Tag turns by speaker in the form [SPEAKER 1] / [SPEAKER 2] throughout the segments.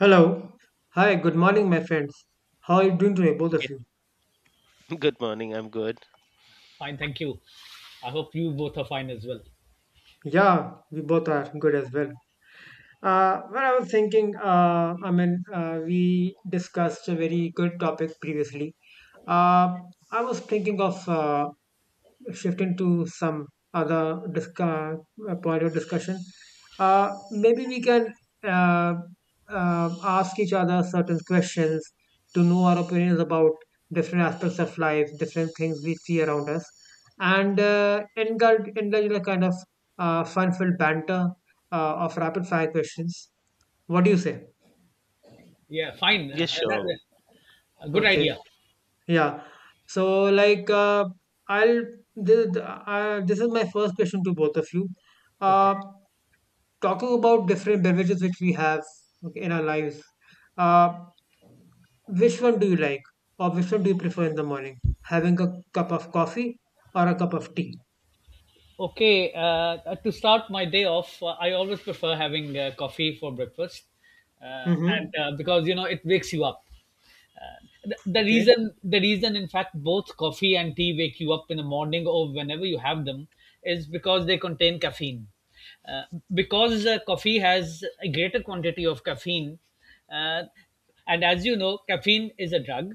[SPEAKER 1] Hello. Hi, good morning, my friends. How are you doing today, both of
[SPEAKER 2] Yeah,
[SPEAKER 1] you?
[SPEAKER 2] good morning. I'm good.
[SPEAKER 3] Fine, thank you. I hope you both are fine as well.
[SPEAKER 1] Yeah, we both are good as well. I was thinking, we discussed a very good topic previously. Uh, I was thinking of shifting to some other disca- point of discussion. Maybe we can uh, ask each other certain questions to know our opinions about different aspects of life, different things we see around us, and indulge in a kind of fun-filled banter of rapid-fire questions. What do you say?
[SPEAKER 3] Yeah, fine.
[SPEAKER 2] Yes, sure.
[SPEAKER 3] A good
[SPEAKER 1] Okay,
[SPEAKER 3] idea.
[SPEAKER 1] yeah. So, like, I'll this, this is my first question to both of you.
[SPEAKER 3] Okay.
[SPEAKER 1] Uh, Talking about different beverages which we have, okay, in our lives, uh, which one do you like or which one do you prefer in the morning? Having a cup of coffee or a cup of tea?
[SPEAKER 3] Okay. To start my day off, I always prefer having coffee for breakfast, uh,
[SPEAKER 1] Mm-hmm.
[SPEAKER 3] and because you know it wakes you up. Uh, the, the
[SPEAKER 1] Okay.
[SPEAKER 3] reason, the reason, in fact, both coffee and tea wake you up in the morning or whenever you have them, is because they contain caffeine. Uh, because Coffee has a greater quantity of caffeine, uh, and as you know, caffeine is a drug.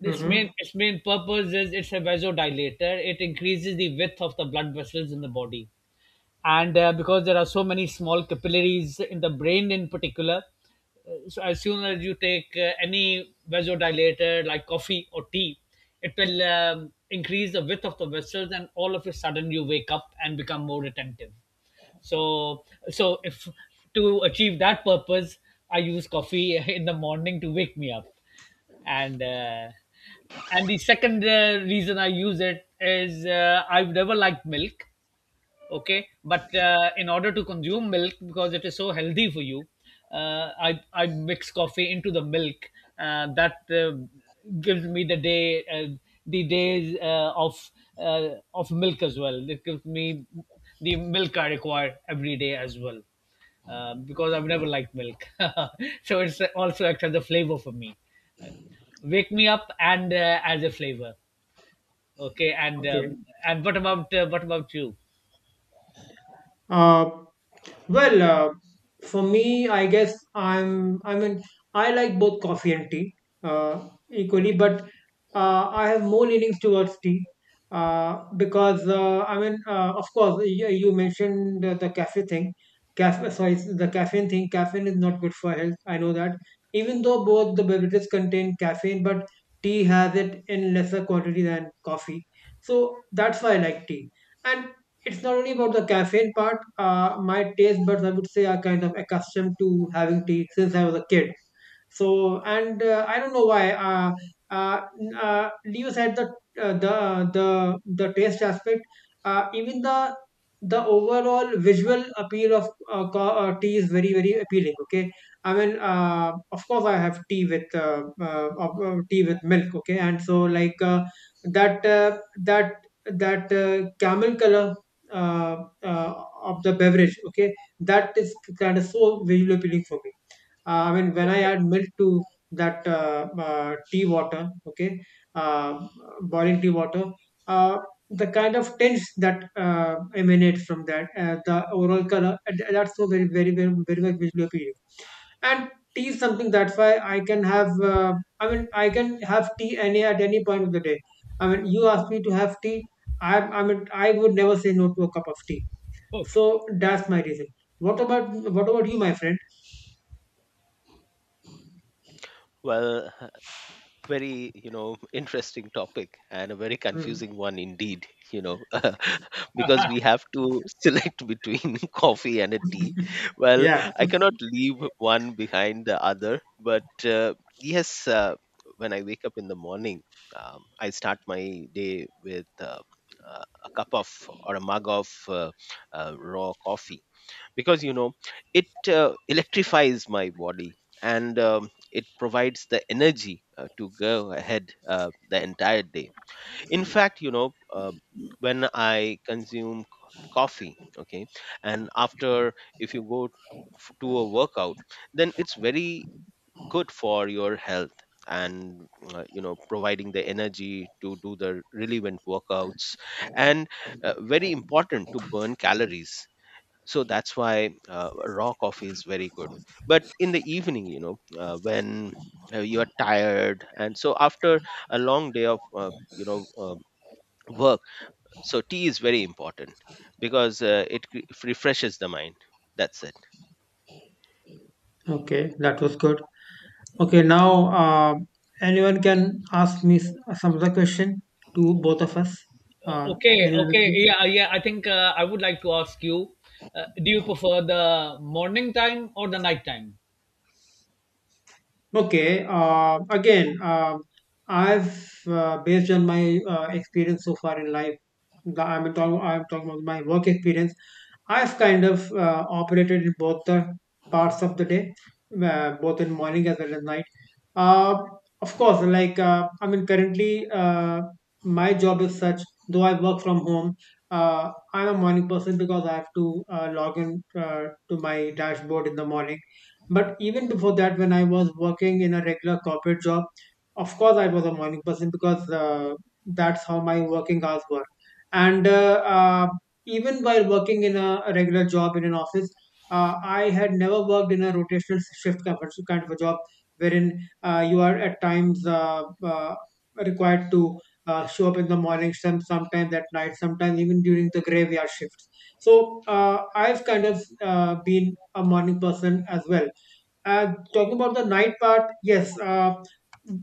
[SPEAKER 3] This
[SPEAKER 1] Mm-hmm.
[SPEAKER 3] main its main purpose is it's a vasodilator. It increases the width of the blood vessels in the body, and because there are so many small capillaries in the brain in particular, so as soon as you take any vasodilator like coffee or tea, it will increase the width of the vessels, and all of a sudden you wake up and become more attentive. So so if to achieve that purpose, I use coffee in the morning to wake me up. And uh, and the second reason I use it is I've never liked milk. Okay, but in order to consume milk, because it is so healthy for you, I mix coffee into the milk. Uh, that gives me the day the days of milk as well it gives me the milk I require every day as well, because I've never liked milk. So it's also acts as a flavor for me. Wake me up, and as a flavor. Okay, and
[SPEAKER 1] Okay.
[SPEAKER 3] what about you?
[SPEAKER 1] Uh, Well, uh, for me, I guess, I like both coffee and tea equally,
[SPEAKER 3] Okay,
[SPEAKER 1] but I have more leanings towards tea because of course, you mentioned the cafe thing. Cafe, sorry, the caffeine thing. Caffeine is not good for health. I know that. Even though both the beverages contain caffeine, but tea has it in lesser quantity than coffee. So that's why I like tea. And it's not only about the caffeine part. My taste buds, I would say, are kind of accustomed to having tea since I was a kid. So, and I don't know why leaves had the the taste aspect. Even the overall visual appeal of tea is very very appealing. Okay, I mean, of course, I have tea with tea with milk. Okay, and so like that uh, that camel color of the beverage, okay, that is kind of so visually appealing for me. I mean, when I
[SPEAKER 3] okay,
[SPEAKER 1] add milk to that tea water, okay, uh, boiling tea water, uh, the kind of tints that emanate from that, the overall color, that's so very, very, very, very much visually appealing. And tea is something that's why I can have, I mean, I can have tea any at any point of the day. I mean, you ask me to have tea, I mean, I would never say no to a cup of tea.
[SPEAKER 3] okay.
[SPEAKER 1] So that's my reason. What about you, my friend?
[SPEAKER 2] Well, very, interesting topic and a very
[SPEAKER 1] Mhm.
[SPEAKER 2] confusing one indeed, because we have to select between coffee and a tea. Well,
[SPEAKER 1] Yeah.
[SPEAKER 2] I cannot leave one behind the other, but yes, when I wake up in the morning, I start my day with a cup of or a mug of raw coffee, because you know, it electrifies my body, and it provides the energy to go ahead the entire day. In fact, when I consume coffee, okay, and after if you go to a workout, then it's very good for your health, and you know, providing the energy to do the relevant workouts, and very important to burn calories. So that's why raw coffee is very good. But in the evening, when you are tired, and so after a long day of work, so tea is very important, because it refreshes the mind. That's it.
[SPEAKER 1] Okay, that was good. Okay, now anyone can ask me some other question to both of us. Uh, Anyone of
[SPEAKER 3] Okay,
[SPEAKER 1] you?
[SPEAKER 3] yeah. I would like to ask you: do you prefer the morning time or the night time?
[SPEAKER 1] Okay. Again, I've based on my experience so far in life. I'm talking about my work experience. I've kind of operated in both the parts of the day, both in morning as well as night. Uh, of course, like I mean, currently my job is such. Though I work from home, I'm a morning person because I have to log in to my dashboard in the morning, but even before that, when I was working in a regular corporate job, of course I was a morning person because that's how my working hours were. And even while working in a regular job in an office, I had never worked in a rotational shift kind of a job wherein you are at times required to show up in the morning, sometimes at night, sometimes even during the graveyard shifts. So I've kind of been a morning person as well. Talking about the night part, yes. Uh,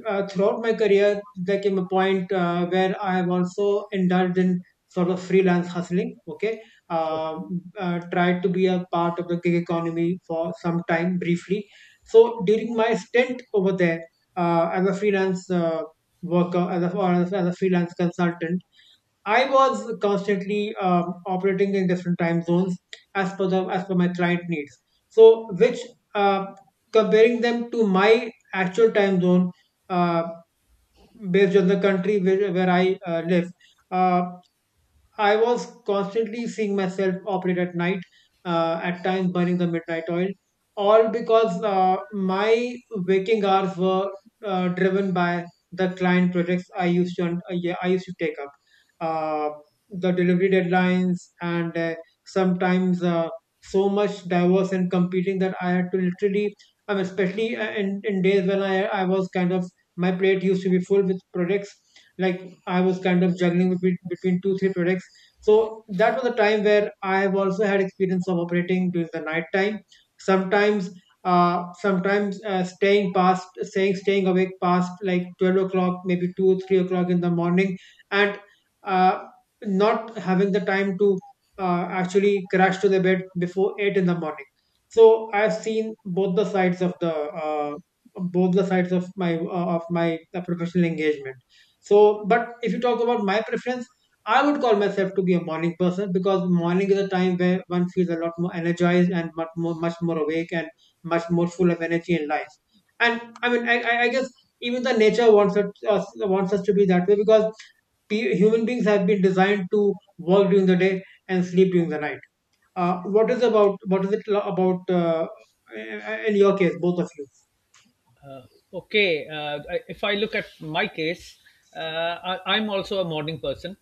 [SPEAKER 1] uh, Throughout my career, there came a point where I have also indulged in sort of freelance hustling. Okay, tried to be a part of the gig economy for some time briefly. So during my stint over there as a freelance worker, as a or as a freelance consultant, I was constantly operating in different time zones as per my client needs. So, which uh, comparing them to my actual time zone uh, based on the country where I live, uh, I was constantly seeing myself operate at night, at times burning the midnight oil, all because my waking hours were driven by the client projects I used to yeah, I used to take up, uh, the delivery deadlines, and sometimes so much diverse and competing that I had to literally, especially in days when I was kind of my plate used to be full with projects. Like I was kind of juggling between two three projects, so that was a time where I have also had experience of operating during the night time sometimes, sometimes staying awake past like 12 o'clock, maybe 2 or 3 o'clock in the morning, and uh not having the time to actually crash to the bed before 8 in the morning. So I've seen both the sides of the uh, both the sides of my professional engagement. So but if you talk about my preference, I would call myself to be a morning person because morning is a time where one feels a lot more energized and much more awake and much more full of energy and life. And I mean, I guess even the nature wants us to be that way because human beings have been designed to work during the day and sleep during the night. What is about what is it lo- about in your case, both of you?
[SPEAKER 3] Okay, if I look at my case, I'm also a morning person.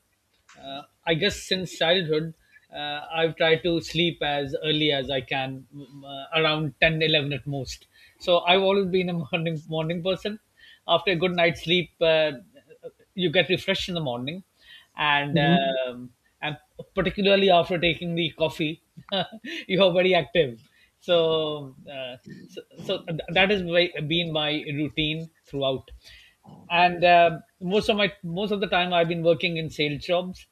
[SPEAKER 3] I guess since childhood, I've tried to sleep as early as I can, around 10, 11 at most. So I've always been a morning person. After a good night's sleep, you get refreshed in the morning, and
[SPEAKER 1] Hmm.
[SPEAKER 3] um, and particularly after taking the coffee, you are very active. So uh, so that has been my routine throughout, and most of the time I've been working in sales jobs,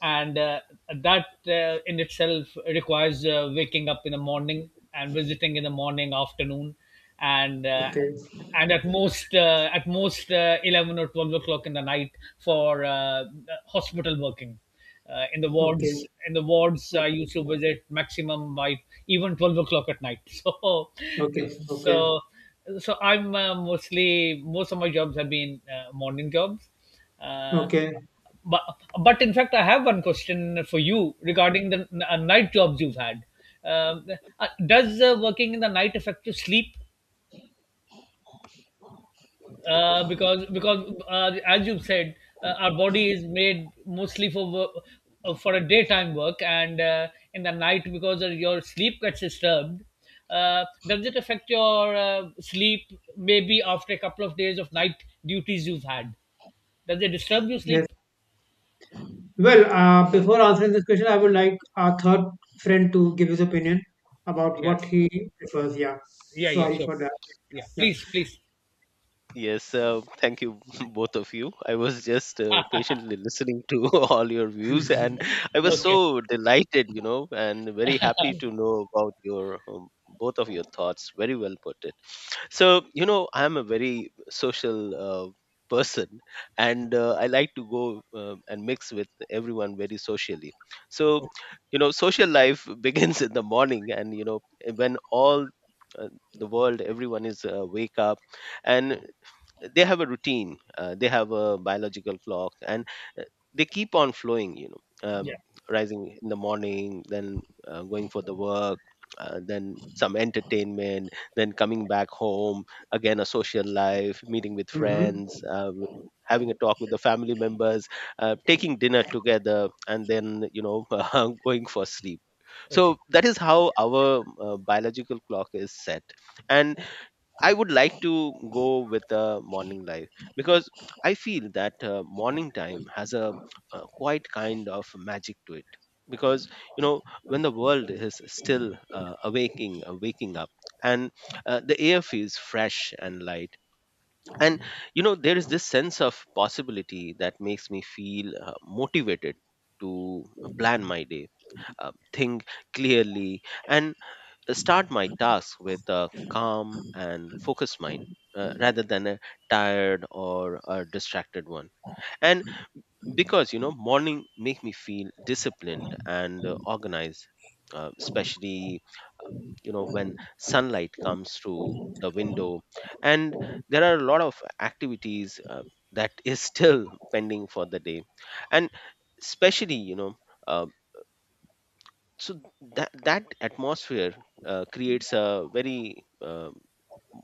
[SPEAKER 3] and that in itself requires waking up in the morning and visiting in the morning afternoon, and uh,
[SPEAKER 1] Okay,
[SPEAKER 3] and at most 11 or 12 o'clock in the night for hospital working. uh, in the
[SPEAKER 1] okay,
[SPEAKER 3] wards in the wards I
[SPEAKER 1] okay,
[SPEAKER 3] used to visit maximum by even 12 o'clock at night. so
[SPEAKER 1] okay, okay.
[SPEAKER 3] so so I'm mostly most of my jobs have been morning jobs. uh,
[SPEAKER 1] Okay.
[SPEAKER 3] but but in fact, I have one question for you regarding the night jobs you've had. Um, does working in the night affect your sleep? Because As you've said, our body is made mostly for for a daytime work, and in the night because of your sleep gets disturbed. Does it affect your sleep? Maybe after a couple of days of night duties you've had, does it disturb your
[SPEAKER 1] Yes.
[SPEAKER 3] sleep?
[SPEAKER 1] Well, before answering this question, I would like our third friend to give his opinion about
[SPEAKER 3] Yeah,
[SPEAKER 1] what he prefers. Yeah,
[SPEAKER 3] yeah,
[SPEAKER 1] sorry
[SPEAKER 3] sure.
[SPEAKER 1] for that.
[SPEAKER 3] Yeah,
[SPEAKER 1] Yeah,
[SPEAKER 3] please, please.
[SPEAKER 2] Yes, thank you, both of you. I was just
[SPEAKER 3] Ah,
[SPEAKER 2] patiently listening to all your views, and I was
[SPEAKER 1] yeah.
[SPEAKER 3] okay.
[SPEAKER 2] so delighted, you know, and very happy to know about your both of your thoughts. Very well put it. So, you know, I'm a very social person, and I like to go and mix with everyone very socially. So,
[SPEAKER 3] Oh,
[SPEAKER 2] you know, social life begins in the morning, and you know, when all uh, the world, everyone is wake up, and they have a routine. They have a biological clock, and uh, they keep on flowing,
[SPEAKER 3] yeah.
[SPEAKER 2] rising in the morning, then going for the work, then some entertainment, then coming back home, again a social life, meeting with
[SPEAKER 1] Mm-hmm.
[SPEAKER 2] friends, having a talk with the family members, taking dinner together, and then you know going for sleep. So
[SPEAKER 3] Okay.
[SPEAKER 2] that is how our biological clock is set. And I would like to go with morning life, because I feel that morning time has a, quite kind of magic to it. Because you know, when the world is still waking up, and the air feels fresh and light, and you know there is this sense of possibility that makes me feel motivated to plan my day, think clearly, and start my tasks with a calm and focused mind, rather than a tired or a distracted one. And because you know, morning make me feel disciplined and organized, especially you know, when sunlight comes through the window, and there are a lot of activities that is still pending for the day. And especially you know uh, so that that atmosphere creates a very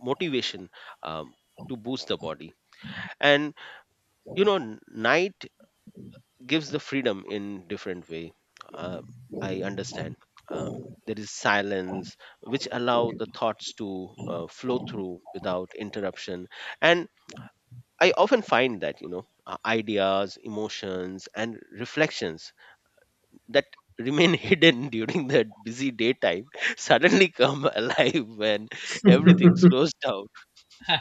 [SPEAKER 2] motivation, um, to boost the body. And you know, night gives the freedom in different way. uh, I understand, um, there is silence which allow the thoughts to flow through without interruption. And I often find that ideas, emotions and reflections that remain hidden during the busy daytime suddenly come alive when everything slows down.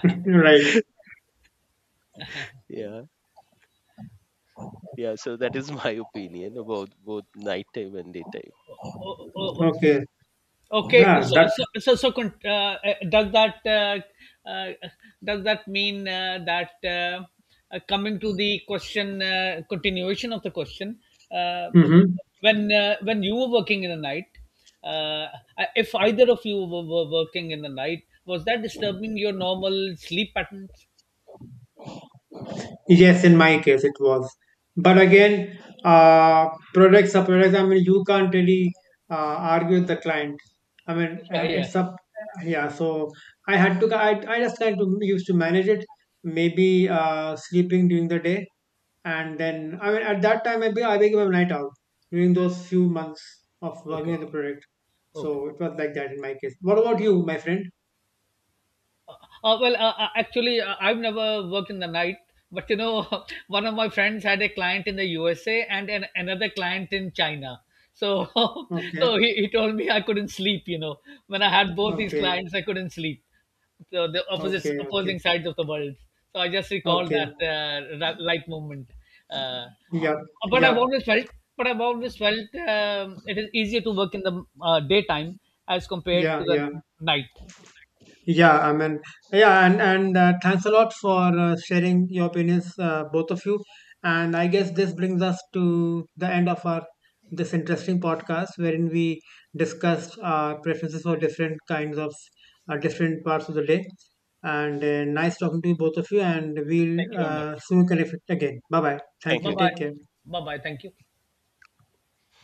[SPEAKER 1] Right.
[SPEAKER 2] Yeah, yeah, so that is my opinion about both nighttime and daytime.
[SPEAKER 3] Oh, oh, oh. oh.
[SPEAKER 1] Okay.
[SPEAKER 3] Okay.
[SPEAKER 1] Yeah,
[SPEAKER 3] So,
[SPEAKER 1] that.
[SPEAKER 3] so, so, so con- does that uh, does that mean that coming to the question, continuation of the question, uh,
[SPEAKER 1] Mm-hmm.
[SPEAKER 3] when you were working in the night, uh, if either of you were working in the night, was that disturbing your normal sleep patterns?
[SPEAKER 1] Yes, in my case it was. But again, uh, products are products. I mean, you can't really argue with the client. I mean,
[SPEAKER 3] Yeah. Yeah.
[SPEAKER 1] it's up. Yeah, so I had to. I just kind to used to manage it. Maybe sleeping during the day, and then I mean, at that time, maybe I became a night owl during those few months of working
[SPEAKER 3] Okay.
[SPEAKER 1] on the product.
[SPEAKER 3] Okay.
[SPEAKER 1] So it was like that in my case. What about you, my friend?
[SPEAKER 3] Actually, I've never worked in the night, but you know, one of my friends had a client in the USA and another client in China. So,
[SPEAKER 1] Okay,
[SPEAKER 3] he told me I couldn't sleep. You know, when I had both these
[SPEAKER 1] okay,
[SPEAKER 3] clients, I couldn't sleep. So the opposite
[SPEAKER 1] okay, okay,
[SPEAKER 3] opposing sides of the world. So I just recall that
[SPEAKER 1] okay.
[SPEAKER 3] that light moment. Uh, uh,
[SPEAKER 1] Yeah,
[SPEAKER 3] but I've
[SPEAKER 1] yeah.
[SPEAKER 3] always felt it is easier to work in the daytime as compared
[SPEAKER 1] Yeah,
[SPEAKER 3] to the
[SPEAKER 1] yeah,
[SPEAKER 3] night.
[SPEAKER 1] yeah. I mean, yeah, and thanks a lot for sharing your opinions, both of you. And I guess this brings us to the end of our this interesting podcast, wherein we discussed our preferences for different kinds of different parts of the day. And nice talking to you, both of you. And we'll
[SPEAKER 3] Thank you very much.
[SPEAKER 1] soon connect again. Bye bye. Thank
[SPEAKER 2] Thank
[SPEAKER 3] Bye
[SPEAKER 1] you.
[SPEAKER 2] you.
[SPEAKER 3] bye.
[SPEAKER 1] Take care.
[SPEAKER 3] Bye bye. Thank you.